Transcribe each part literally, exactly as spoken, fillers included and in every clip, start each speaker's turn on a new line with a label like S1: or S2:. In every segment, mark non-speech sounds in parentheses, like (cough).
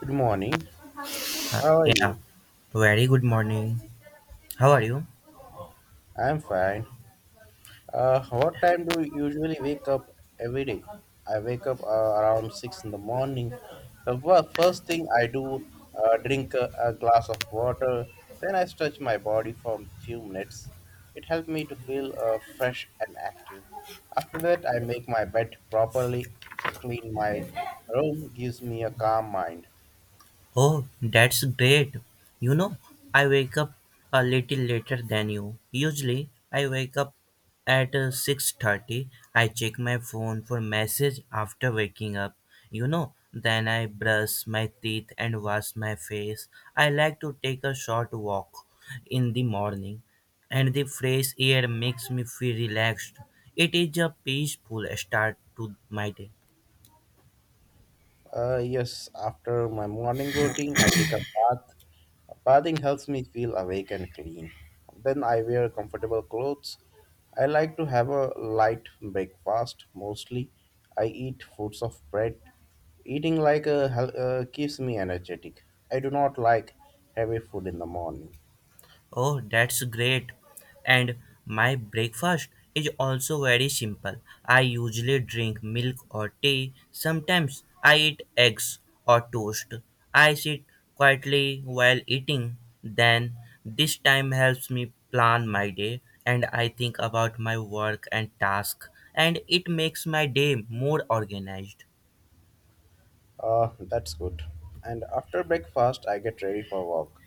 S1: Good morning.
S2: Uh,
S1: How are
S2: yeah,
S1: you?
S2: very good morning. How are you?
S1: I'm fine. Uh, what time do you usually wake up every day? I wake up uh, around six in the morning. The wo- first thing I do, uh, drink a, a glass of water. Then I stretch my body for a few minutes. It helps me to feel uh, fresh and active. After that, I make my bed properly, clean my room, gives me a calm mind.
S2: Oh, that's great. You know, I wake up a little later than you. Usually, I wake up at uh, six thirty. I check my phone for message after waking up. You know, then I brush my teeth and wash my face. I like to take a short walk in the morning, and the fresh air makes me feel relaxed. It is a peaceful start to my day.
S1: Uh, yes, after my morning routine, I take a bath. Bathing helps me feel awake and clean. Then I wear comfortable clothes. I like to have a light breakfast mostly. I eat fruits of bread. Eating like a hel- uh, keeps me energetic. I do not like heavy food in the morning.
S2: Oh, that's great. And my breakfast is also very simple. I usually drink milk or tea. Sometimes I eat eggs or toast. I sit quietly while eating. Then this time helps me plan my day and I think about my work and task and it makes my day more organized.
S1: Uh, that's good. And after breakfast, I get ready for work.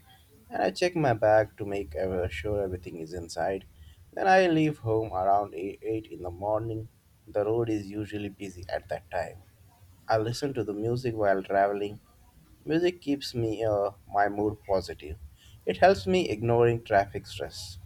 S1: And I check my bag to make ever sure everything is inside. Then I leave home around 8 eight in the morning. The road is usually busy at that time. I listen to the music while traveling. Music keeps me uh, my mood positive. It helps me ignoring traffic stress.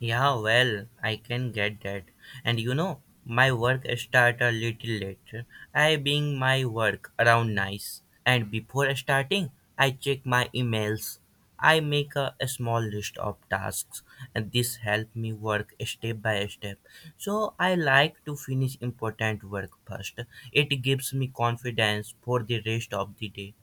S2: Yeah, well, I can get that. And you know, my work start a little later. I bring my work around nice. And before starting, I check my emails. I make a, a small list of tasks and this help me work step by step. So I like to finish important work first. It gives me confidence for the rest of the day.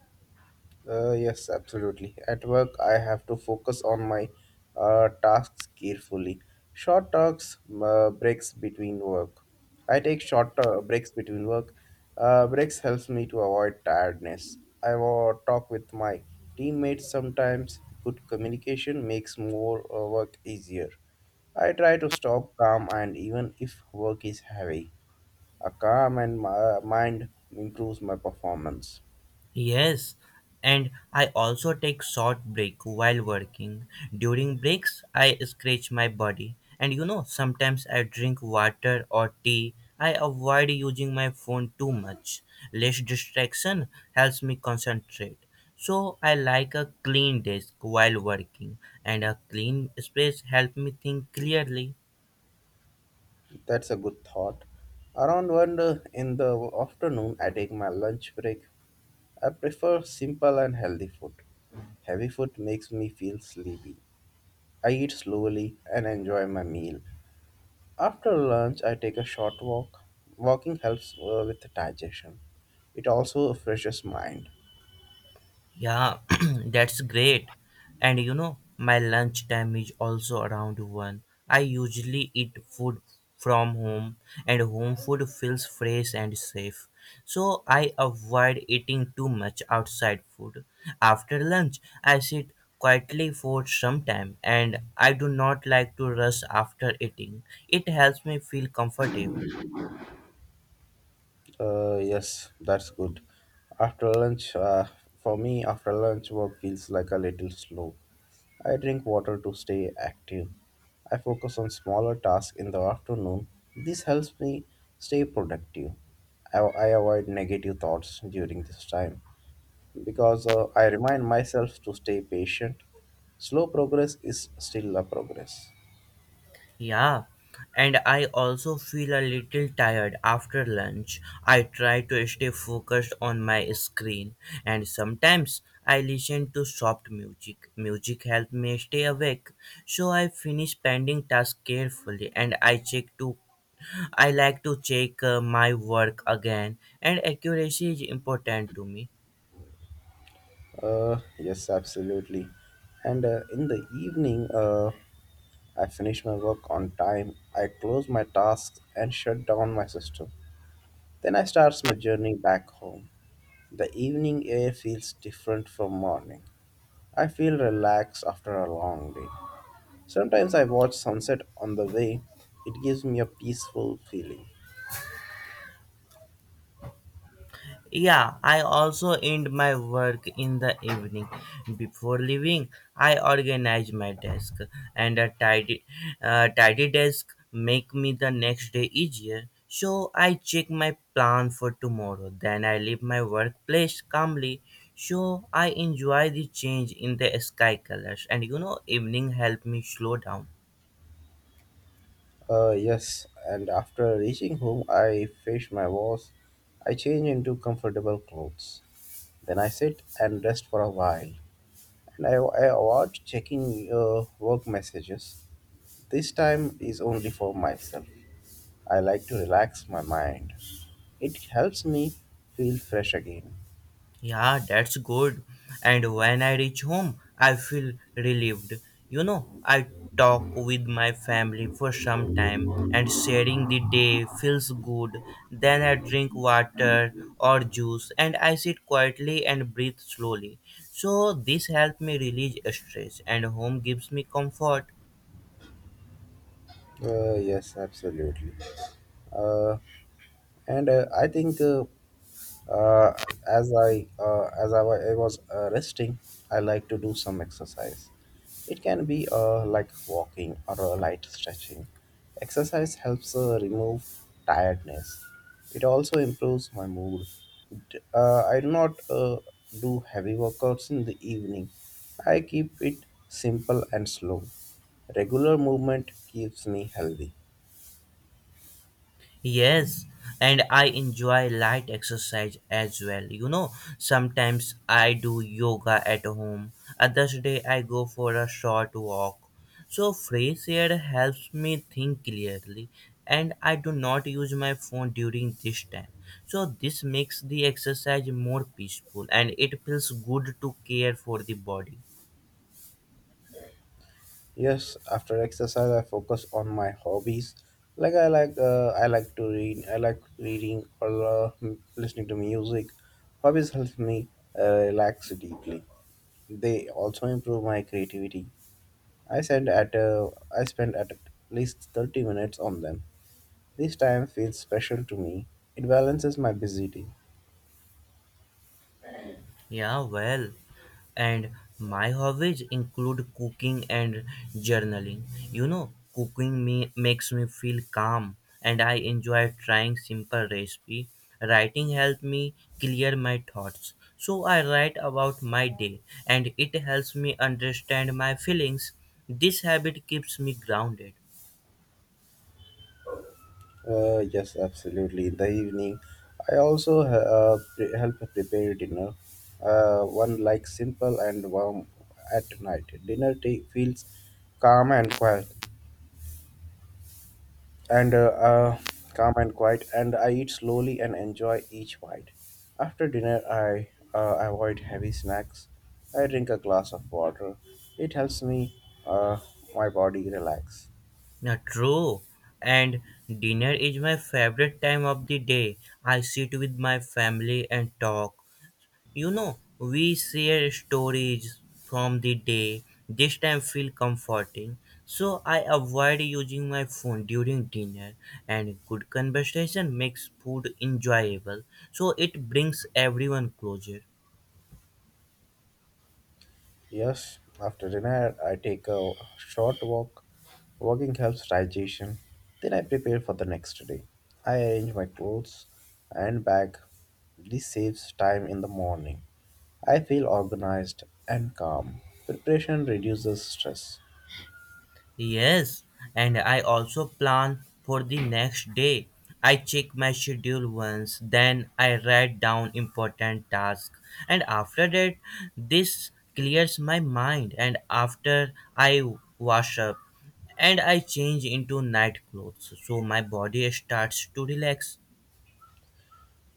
S1: Uh, yes, absolutely. At work, I have to focus on my uh, tasks carefully. Short talks, uh, breaks between work. I take short uh, breaks between work. Uh, breaks helps me to avoid tiredness. I wa- talk with my teammates sometimes. Good communication makes more uh, work easier. I try to stop calm and even if work is heavy, a calm and mi- mind improves my performance.
S2: Yes, and I also take short break while working. During breaks, I stretch my body, and you know, sometimes I drink water or tea. I avoid using my phone too much. Less distraction helps me concentrate. So I like a clean desk while working, and a clean space helps me think clearly.
S1: That's a good thought. Around one uh, in the afternoon, I take my lunch break. I prefer simple and healthy food. Heavy food makes me feel sleepy. I eat slowly and enjoy my meal. After lunch, I take a short walk. Walking helps uh, with digestion. It also refreshes mind.
S2: Yeah, (clears throat) that's great. And you know, my lunch time is also around one. I usually eat food from home, and home food feels fresh and safe. So I avoid eating too much outside food. After lunch, I sit quietly for some time, and I do not like to rush after eating. It helps me feel comfortable.
S1: Uh, yes, that's good. After lunch, uh, for me, after lunch, work feels like a little slow. I drink water to stay active. I focus on smaller tasks in the afternoon. This helps me stay productive. I, I avoid negative thoughts during this time because uh, I remind myself to stay patient. Slow progress is still a progress.
S2: Yeah, and I also feel a little tired after lunch. I try to stay focused on my screen, and sometimes I listen to soft music. Music helps me stay awake, so I finish pending tasks carefully, and I check to I like to check uh, my work again, and accuracy is important to me.
S1: Uh, yes, absolutely. And uh, in the evening, uh, I finish my work on time, I close my tasks and shut down my system. Then I start my journey back home. The evening air feels different from morning. I feel relaxed after a long day. Sometimes I watch sunset on the way. It gives me a peaceful feeling.
S2: Yeah, I also end my work in the evening. Before leaving, I organize my desk, and a tidy, uh, tidy desk make me the next day easier. So I check my plan for tomorrow. Then I leave my workplace calmly. So I enjoy the change in the sky colors, and you know, evening help me slow down.
S1: Uh, yes, and after reaching home, I fetch my wash. I change into comfortable clothes. Then I sit and rest for a while. And I, I avoid checking uh, work messages. This time is only for myself. I like to relax my mind. It helps me feel fresh again.
S2: Yeah, that's good. And when I reach home, I feel relieved. You know, I talk with my family for some time and sharing the day feels good. Then I drink water or juice and I sit quietly and breathe slowly. So this helps me release stress and home gives me comfort.
S1: Uh, yes, absolutely. Uh, and uh, I think uh, Uh, as I uh, as I, wa- I was uh, resting, I like to do some exercise. It can be uh, like walking or a light stretching. Exercise helps uh, remove tiredness. It also improves my mood. D- Uh, I do not uh, do heavy workouts in the evening. I keep it simple and slow. Regular movement keeps me healthy.
S2: Yes, and I enjoy light exercise as well. You know, sometimes I do yoga at home, others day I go for a short walk. So fresh air helps me think clearly and I do not use my phone during this time. So this makes the exercise more peaceful and it feels good to care for the body.
S1: Yes, after exercise, I focus on my hobbies. Like I like, uh, I like to read. I like reading or uh, m- listening to music. Hobbies help me uh, relax deeply. They also improve my creativity. I spend at uh, I spend at least thirty minutes on them. This time feels special to me. It balances my busy day.
S2: Yeah, well, and my hobbies include cooking and journaling. You know, cooking me makes me feel calm and I enjoy trying simple recipe. Writing helps me clear my thoughts. So I write about my day and it helps me understand my feelings. This habit keeps me grounded.
S1: Uh, yes, absolutely. In the evening, I also uh, pre- help prepare dinner. Uh, one likes simple and warm at night. Dinner ta- feels calm and quiet, and uh, uh, calm and quiet. And I eat slowly and enjoy each bite. After dinner, I uh, avoid heavy snacks. I drink a glass of water. It helps me uh, my body relax.
S2: Now, true. And dinner is my favorite time of the day. I sit with my family and talk. You know, we share stories from the day. This time feel comforting. So I avoid using my phone during dinner and good conversation makes food enjoyable. So it brings everyone closer.
S1: Yes, after dinner, I take a short walk. Walking helps digestion. Then I prepare for the next day. I arrange my clothes and bag. This saves time in the morning. I feel organized and calm. Preparation reduces stress.
S2: Yes, and I also plan for the next day. I check my schedule once, then I write down important tasks, and after that, this clears my mind. And after I wash up, and I change into night clothes, so my body starts to relax.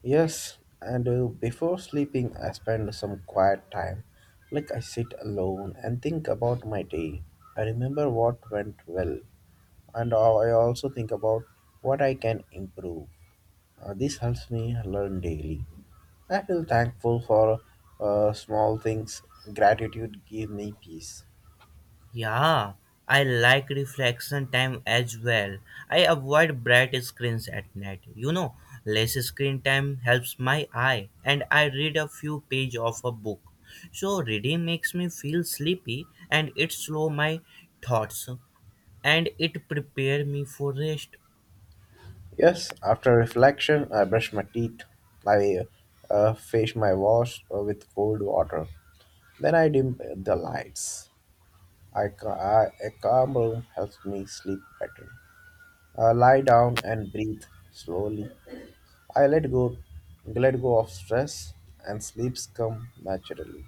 S1: Yes, and uh, before sleeping, I spend some quiet time. Like I sit alone and think about my day. I remember what went well, and I also think about what I can improve. Uh, this helps me learn daily. I feel thankful for uh, small things. Gratitude gives me peace.
S2: Yeah, I like reflection time as well. I avoid bright screens at night. You know, less screen time helps my eye and I read a few page of a book. So reading makes me feel sleepy and it slow my thoughts and it prepare me for rest.
S1: Yes, after reflection, I brush my teeth. I uh, face my wash uh, with cold water. Then I dim uh, the lights. I, ca- I- a calm room helps me sleep better. I lie down and breathe slowly. I let go, let go of stress, and sleeps come naturally.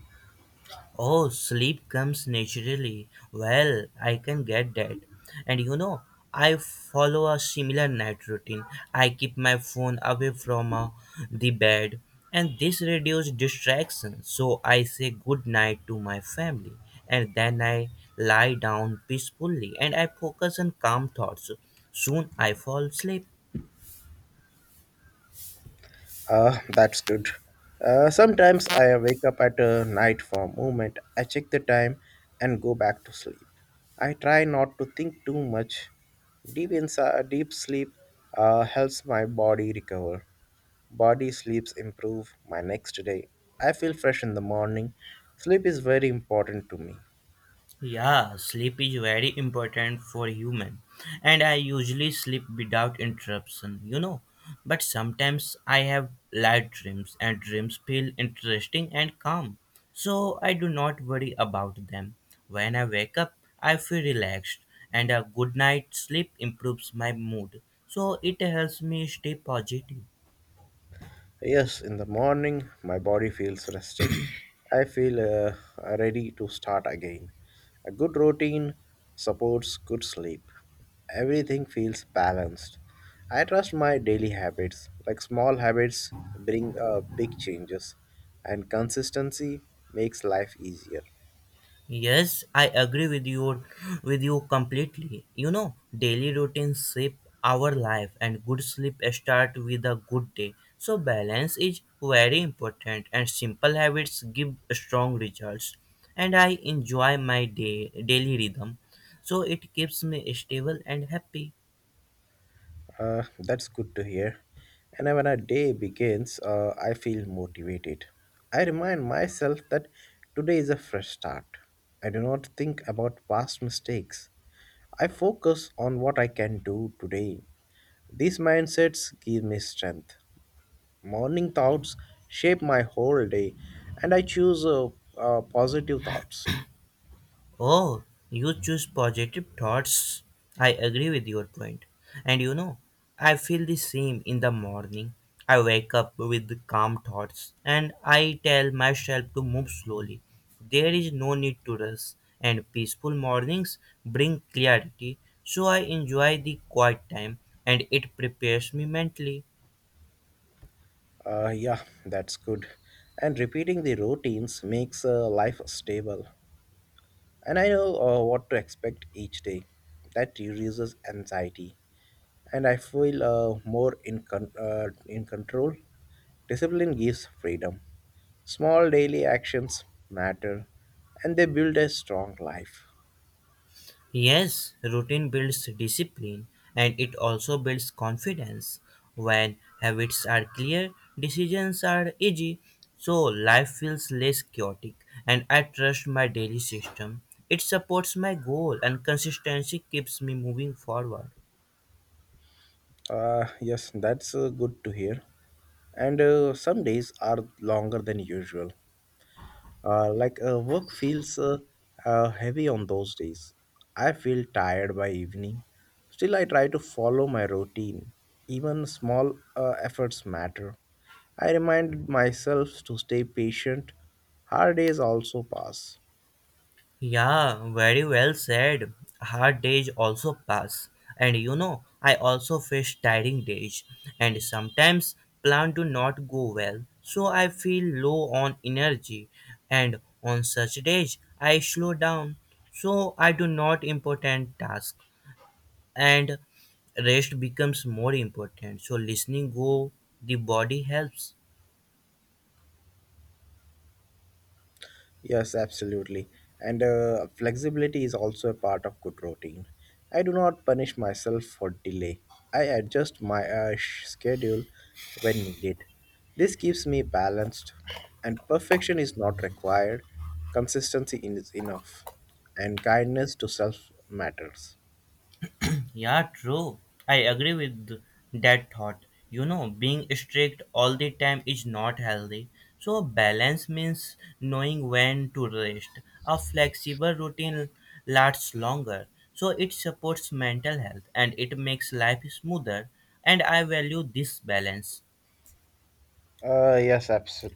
S2: Oh, sleep comes naturally. Well, I can get that. And you know, I follow a similar night routine. I keep my phone away from uh, the bed, and this reduces distraction. So I say good night to my family, and then I lie down peacefully and I focus on calm thoughts. Soon I fall asleep.
S1: Ah, that's good. Uh, sometimes I wake up at uh, night for a moment. I check the time and go back to sleep. I try not to think too much. Deep inside, deep sleep uh, helps my body recover. Body sleeps improve my next day. I feel fresh in the morning. Sleep is very important to me.
S2: Yeah, sleep is very important for human and I usually sleep without interruption, you know. But sometimes I have light dreams and dreams feel interesting and calm. So I do not worry about them. When I wake up, I feel relaxed and a good night's sleep improves my mood. So it helps me stay positive.
S1: Yes, in the morning, my body feels rested. I feel uh, ready to start again. A good routine supports good sleep. Everything feels balanced. I trust my daily habits. Like small habits bring uh, big changes, and consistency makes life easier.
S2: Yes, I agree with you with you completely. You know, daily routines shape our life and good sleep start with a good day. So balance is very important and simple habits give strong results. And I enjoy my day daily rhythm. So it keeps me stable and happy.
S1: Uh, that's good to hear. And when a day begins, uh, I feel motivated. I remind myself that today is a fresh start. I do not think about past mistakes. I focus on what I can do today. These mindsets give me strength. Morning thoughts shape my whole day, and I choose uh, uh, positive thoughts.
S2: Oh, you choose positive thoughts. I agree with your point. And you know, I feel the same in the morning. I wake up with calm thoughts and I tell myself to move slowly. There is no need to rush, and peaceful mornings bring clarity. So I enjoy the quiet time and it prepares me mentally.
S1: Uh, yeah, that's good. And repeating the routines makes uh, life stable. and I know uh, what to expect each day. That reduces anxiety, and I feel uh, more in con- uh, in control. Discipline gives freedom. Small daily actions matter, and they build a strong life.
S2: Yes, routine builds discipline and it also builds confidence. When habits are clear, decisions are easy, so life feels less chaotic and I trust my daily system. It supports my goal and consistency keeps me moving forward.
S1: Uh, yes, that's uh, good to hear. And uh, some days are longer than usual. Uh, like uh, work feels uh, uh, heavy on those days. I feel tired by evening. Still, I try to follow my routine. Even small uh, efforts matter. I reminded myself to stay patient. Hard days also pass.
S2: Yeah, very well said. Hard days also pass. And you know, I also face tiring days and sometimes plan do not go well. So I feel low on energy and on such days I slow down. So I do not important task and rest becomes more important. So listening go the body helps.
S1: Yes, absolutely. And uh, flexibility is also a part of good routine. I do not punish myself for delay. I adjust my uh, sh- schedule when needed. This keeps me balanced, and perfection is not required. Consistency is enough, and kindness to self matters.
S2: Yeah, true. I agree with that thought. You know, being strict all the time is not healthy. So, balance means knowing when to rest. A flexible routine lasts longer. So, it supports mental health and it makes life smoother. And I value this balance.
S1: Uh, yes, abso-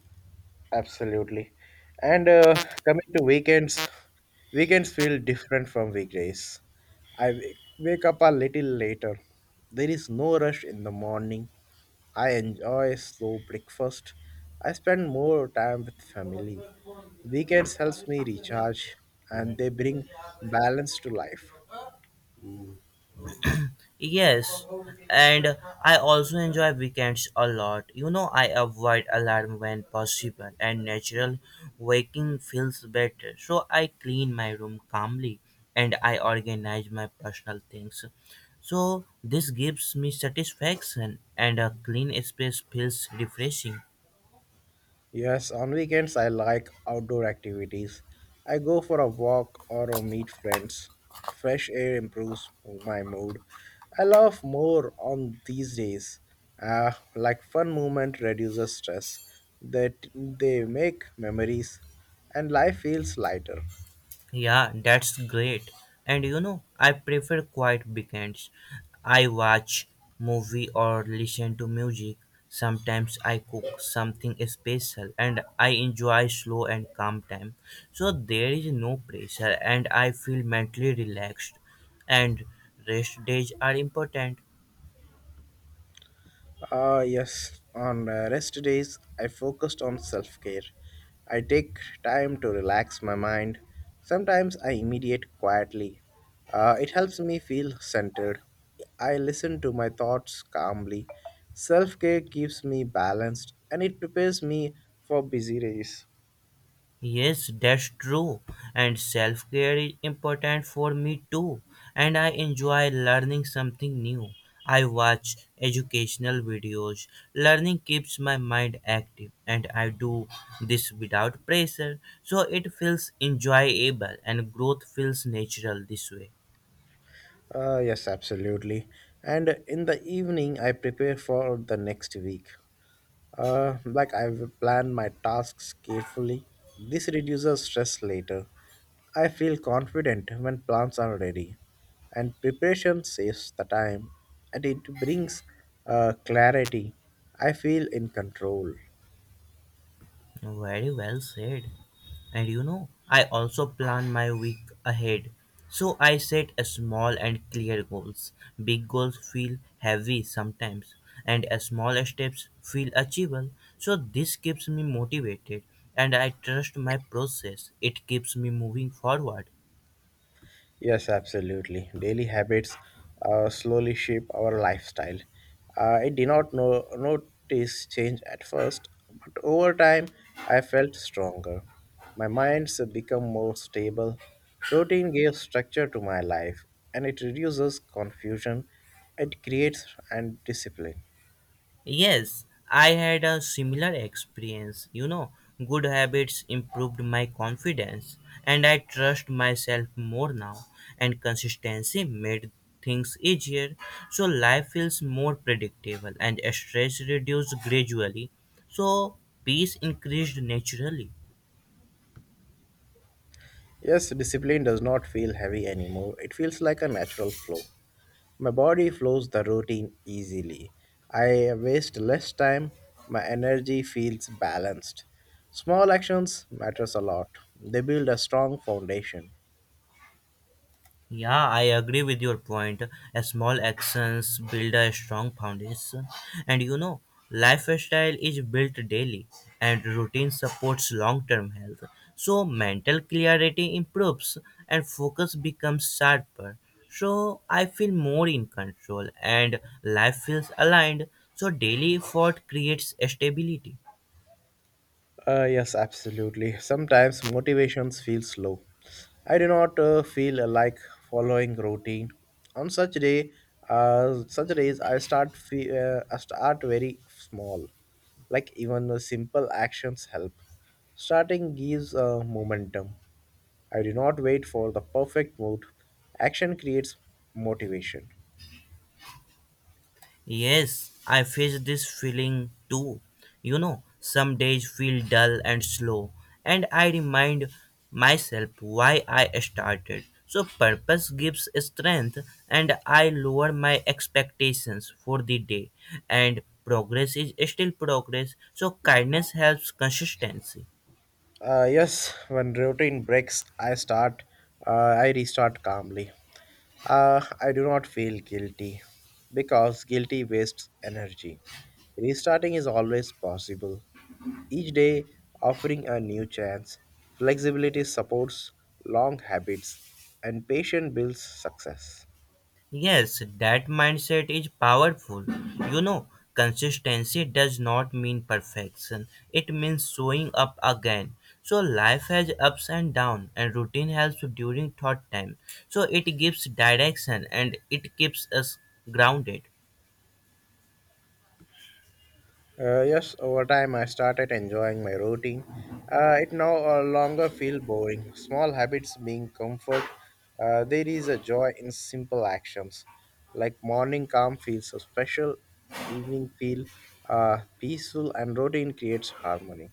S1: absolutely. And uh, coming to weekends, weekends feel different from weekdays. I wa- wake up a little later. There is no rush in the morning. I enjoy slow breakfast. I spend more time with family. Weekends helps me recharge and they bring balance to life.
S2: Yes, and I also enjoy weekends a lot. You know, I avoid alarm when possible, and natural waking feels better. So I clean my room calmly and I organize my personal things. So this gives me satisfaction, and a clean space feels refreshing.
S1: Yes, on weekends I like outdoor activities. I go for a walk or uh, meet friends. Fresh air improves my mood. I love more on these days. Uh, like fun movement reduces stress that they make memories and life feels lighter.
S2: Yeah, that's great. And you know, I prefer quiet weekends. I watch movie or listen to music. Sometimes I cook something special and I enjoy slow and calm time. So there is no pressure and I feel mentally relaxed and rest days are important.
S1: Ah, yes. On uh, rest days, I focused on self care. I take time to relax my mind. Sometimes I meditate quietly. Uh, it helps me feel centered. I listen to my thoughts calmly. Self care keeps me balanced and it prepares me for busy days.
S2: Yes, that's true. And self care is important for me too. And I enjoy learning something new. I watch educational videos. Learning keeps my mind active, and I do this without pressure. So it feels enjoyable, and growth feels natural this way.
S1: Uh, yes, absolutely. And in the evening, I prepare for the next week. Uh, like I've planned my tasks carefully. This reduces stress later. I feel confident when plans are ready, and preparation saves the time and it brings uh, clarity. I feel in control.
S2: Very well said. And you know, I also plan my week ahead. So I set a small and clear goals. Big goals feel heavy sometimes, and a small steps feel achievable. So this keeps me motivated and I trust my process. It keeps me moving forward.
S1: Yes, absolutely. Daily habits uh, slowly shape our lifestyle. Uh, I did not know, notice change at first, but over time I felt stronger. My mind's become more stable. Routine gives structure to my life and it reduces confusion. It creates and discipline.
S2: Yes, I had a similar experience. You know, good habits improved my confidence and I trust myself more now, and consistency made things easier. So, life feels more predictable and stress reduced gradually. So, peace increased naturally.
S1: Yes, discipline does not feel heavy anymore. It feels like a natural flow. My body flows the routine easily. I waste less time. My energy feels balanced. Small actions matters a lot. They build a strong foundation.
S2: Yeah, I agree with your point. A small actions build a strong foundation. And you know, lifestyle is built daily and routine supports long-term health. So mental clarity improves and focus becomes sharper. So I feel more in control and life feels aligned. So daily effort creates stability.
S1: Uh, yes, absolutely. Sometimes motivations feels low. I do not uh, feel like following routine. On such day, uh, such days I start fe- uh, I start very small. Like even the simple actions help. Starting gives uh, momentum. I do not wait for the perfect mood. Action creates motivation.
S2: Yes, I face this feeling too. You know, some days feel dull and slow, and I remind myself why I started. So, purpose gives strength, and I lower my expectations for the day. And progress is still progress, so, kindness helps consistency.
S1: Uh, yes, when routine breaks, I start. Uh, I restart calmly. Uh, I do not feel guilty because guilty wastes energy. Restarting is always possible. Each day offering a new chance. Flexibility supports long habits, and patience builds success.
S2: Yes, that mindset is powerful. You know, consistency does not mean perfection, it means showing up again. So, life has ups and downs, and routine helps during thought time. So, it gives direction and it keeps us grounded.
S1: Uh, yes, over time I started enjoying my routine. Uh, it no uh, longer feel boring. Small habits being comfort. Uh, there is a joy in simple actions, like morning calm feels so special, evening feel uh, peaceful, and routine creates harmony.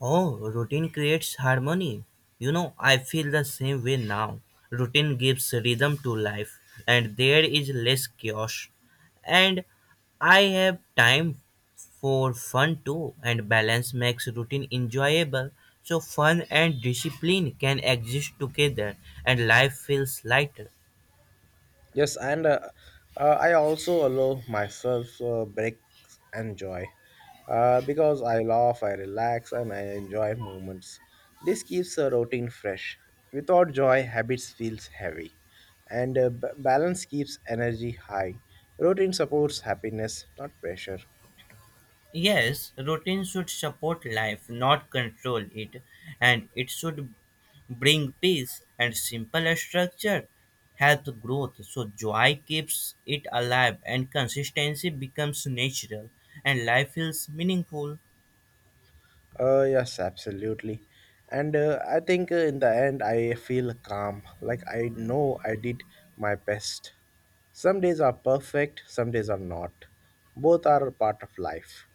S2: Oh, routine creates harmony. You know, I feel the same way now. Routine gives rhythm to life, and there is less chaos. And I have time for fun too, and balance makes routine enjoyable. So, fun and discipline can exist together, and life feels lighter.
S1: Yes, and uh, uh, I also allow myself uh, breaks and joy uh, because I laugh, I relax, and I enjoy moments. This keeps a routine fresh. Without joy, habits feels heavy, and uh, b- balance keeps energy high. Routine supports happiness, not pressure.
S2: Yes, routine should support life, not control it, and it should bring peace and simple structure help growth. So joy keeps it alive and consistency becomes natural and life feels meaningful.
S1: Uh, yes, absolutely. And uh, I think uh, in the end, I feel calm. Like I know I did my best. Some days are perfect, some days are not. Both are a part of life.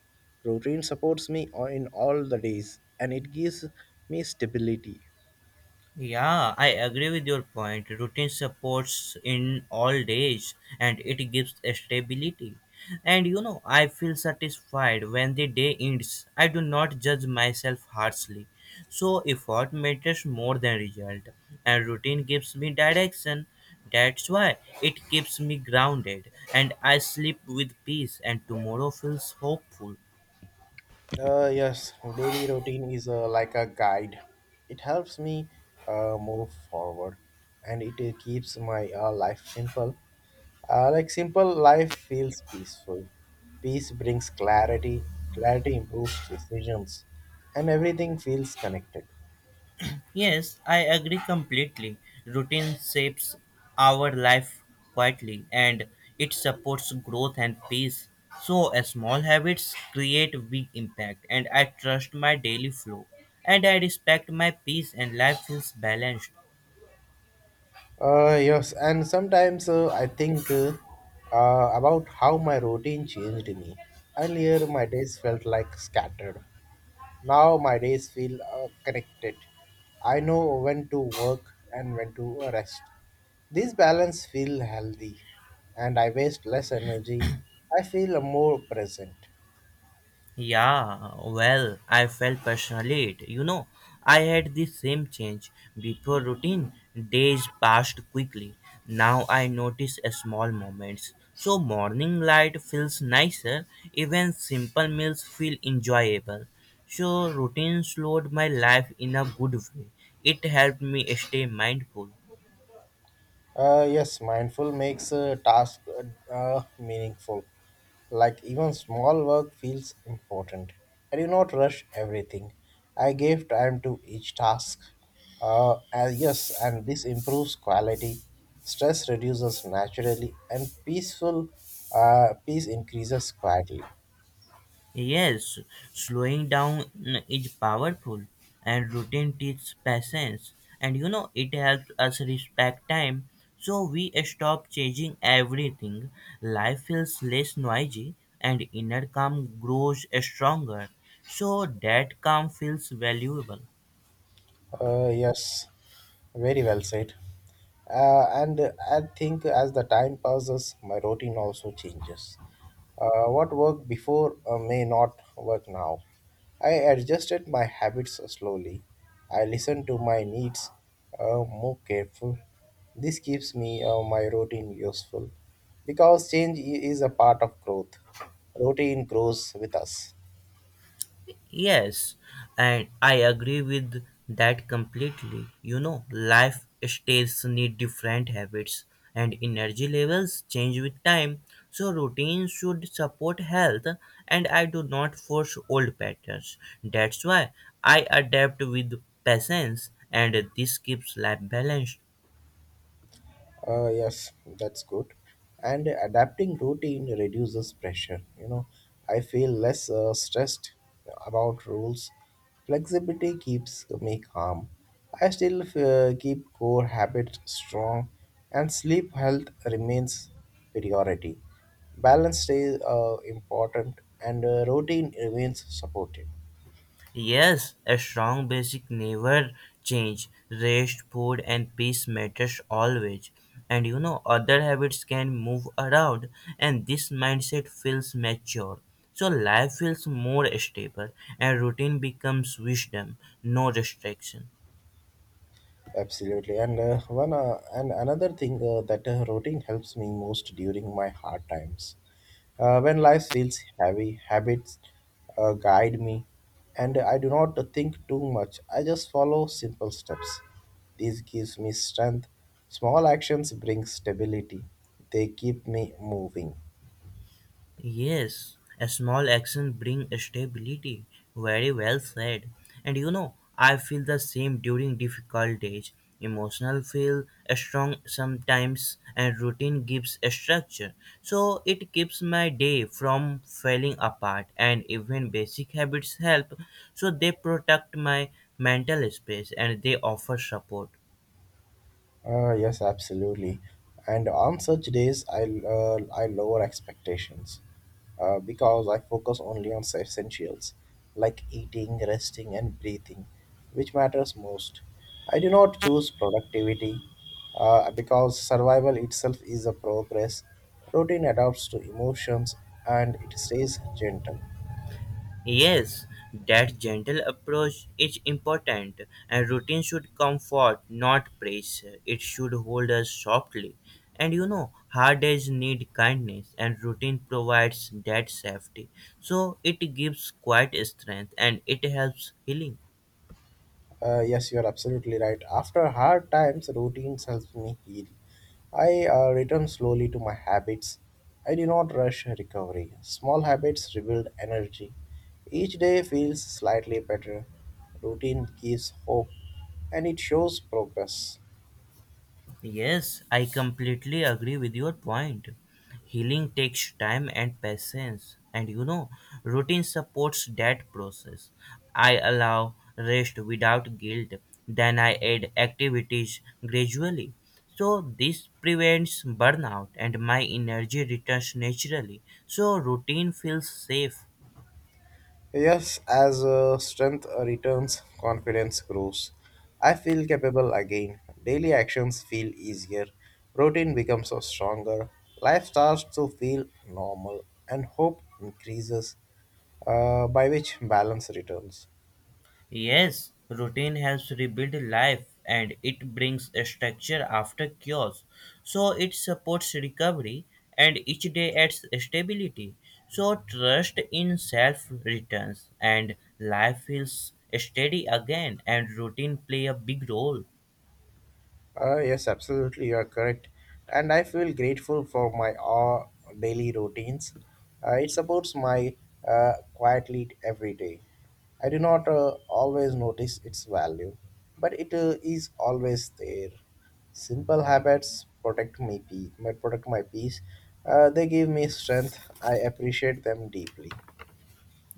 S1: Routine supports me o- in all the days and it gives me stability.
S2: Yeah, I agree with your point. Routine supports in all days and it gives a stability. And you know, I feel satisfied when the day ends. I do not judge myself harshly. So, effort matters more than result, and routine gives me direction. That's why it keeps me grounded, and I sleep with peace, and tomorrow feels hopeful.
S1: Uh, yes, daily routine is uh, like a guide. It helps me uh, move forward and it uh, keeps my uh, life simple. Uh, like simple life feels peaceful. Peace brings clarity, clarity improves decisions, and everything feels connected.
S2: Yes, I agree completely. Routine shapes our life quietly and it supports growth and peace. So, uh, small habits create big impact, and I trust my daily flow and I respect my peace, and life feels balanced.
S1: Uh, yes, and sometimes uh, I think uh, uh, about how my routine changed me. Earlier, my days felt like scattered. Now, my days feel uh, connected. I know when to work and when to rest. This balance feels healthy, and I waste less energy. I feel more present.
S2: Yeah, well, I felt personally it. You know, I had the same change. Before routine, days passed quickly. Now I notice a small moments. So morning light feels nicer, even simple meals feel enjoyable. So routine slowed my life in a good way. It helped me stay mindful.
S1: Uh, yes, mindful makes a task uh, uh, meaningful. Like even small work feels important. I do not rush everything. I gave time to each task. Uh, and yes, and this improves quality. Stress reduces naturally, and peaceful uh, peace increases quietly.
S2: Yes, slowing down mm, is powerful, and routine teaches patience. And you know, it helps us respect time, so we stop changing everything. Life feels less noisy, and inner calm grows stronger. So that calm feels valuable.
S1: Uh, yes, very well said. Uh, and uh, I think as the time passes, my routine also changes. Uh, what worked before uh, may not work now. I adjusted my habits slowly. I listened to my needs uh, more careful. This keeps me uh, My routine useful because change i- is a part of growth. Routine grows with us.
S2: Yes, and I agree with that completely. You know, life stages need different habits and energy levels change with time. So routines should support health and I do not force old patterns. That's why I adapt with patience and this keeps life balanced.
S1: Uh, yes, that's good. And adapting routine reduces pressure. You know, I feel less uh, stressed about rules. Flexibility keeps me calm. I still uh, keep core habits strong, and sleep health remains priority. Balance stays uh, important, and uh, routine remains supported.
S2: Yes, a strong basic never change. Rest, food, and peace matters always. And you know, other habits can move around, and this mindset feels mature. So life feels more stable, and routine becomes wisdom, no restriction.
S1: Absolutely, and uh, one uh, and another thing uh, that uh, routine helps me most during my hard times. Uh, when life feels heavy, habits uh, guide me, and I do not think too much. I just follow simple steps. This gives me strength. Small actions bring stability. They keep me moving.
S2: Yes, a small action bring stability. Very well said. And you know, I feel the same during difficult days. Emotional feel strong sometimes and routine gives a structure. So it keeps my day from falling apart and even basic habits help. So they protect my mental space and they offer support.
S1: Uh, yes, absolutely. And on such days, I uh, I lower expectations uh, because I focus only on essentials like eating, resting, and breathing, which matters most. I do not choose productivity uh, because survival itself is a progress. Routine adapts to emotions and it stays gentle.
S2: Yes, that gentle approach is important, and routine should comfort, not pressure. It should hold us softly. And you know, hard days need kindness, and routine provides that safety. So it gives quiet strength and it helps healing.
S1: Uh, yes, you are absolutely right. After hard times, routines helps me heal. I uh, return slowly to my habits. I do not rush recovery. Small habits rebuild energy. Each day feels slightly better. Routine gives hope, and it shows progress.
S2: Yes, I completely agree with your point. Healing takes time and patience, and you know, routine supports that process. I allow rest without guilt, then I add activities gradually. So, this prevents burnout and my energy returns naturally. So, routine feels safe.
S1: Yes, as uh, strength returns, confidence grows. I feel capable again. Daily actions feel easier. Routine becomes uh, stronger. Life starts to feel normal, and hope increases, uh, by which balance returns.
S2: Yes, routine helps rebuild life and it brings a structure after chaos. So it supports recovery and each day adds stability. So trust in self returns and life feels steady again and routine play a big role.
S1: Uh, yes, absolutely, you are correct. And I feel grateful for my uh, daily routines. Uh, it supports my uh, quiet lead every day. I do not uh, always notice its value, but it uh, is always there. Simple habits protect me, pe- my- protect my peace. Uh, they give me strength. I appreciate them deeply.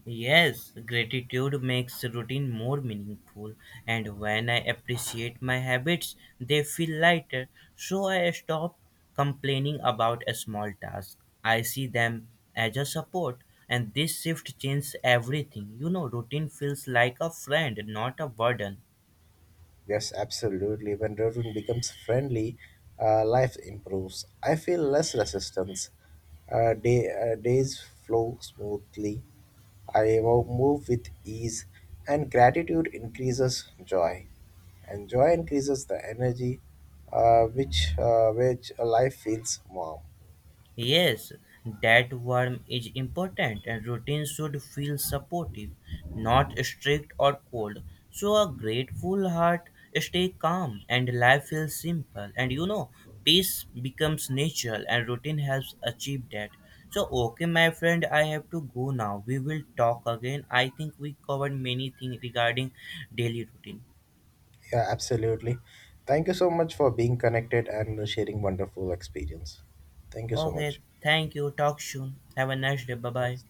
S2: Yes, gratitude makes routine more meaningful, and when I appreciate my habits, they feel lighter. So I stop complaining about a small task. I see them as a support, and this shift changes everything. You know, routine feels like a friend, not a burden.
S1: Yes, absolutely. When routine becomes friendly, uh, life improves. I feel less resistance. Uh, day, uh, days flow smoothly. I wo- move with ease, and gratitude increases joy, and joy increases the energy, uh, which uh, which life feels warm.
S2: Yes, that warmth is important and routine should feel supportive, not strict or cold. So a grateful heart stay calm and life feels simple. And you know, peace becomes natural and routine helps achieve that. So okay my friend, I have to go now. We will talk again. I think we covered many things regarding daily routine.
S1: Yeah, absolutely. Thank you so much for being connected and sharing wonderful experience. Thank you so
S2: Okay,
S1: much.
S2: thank you. Talk soon. Have a nice day. Bye bye.
S1: Yes.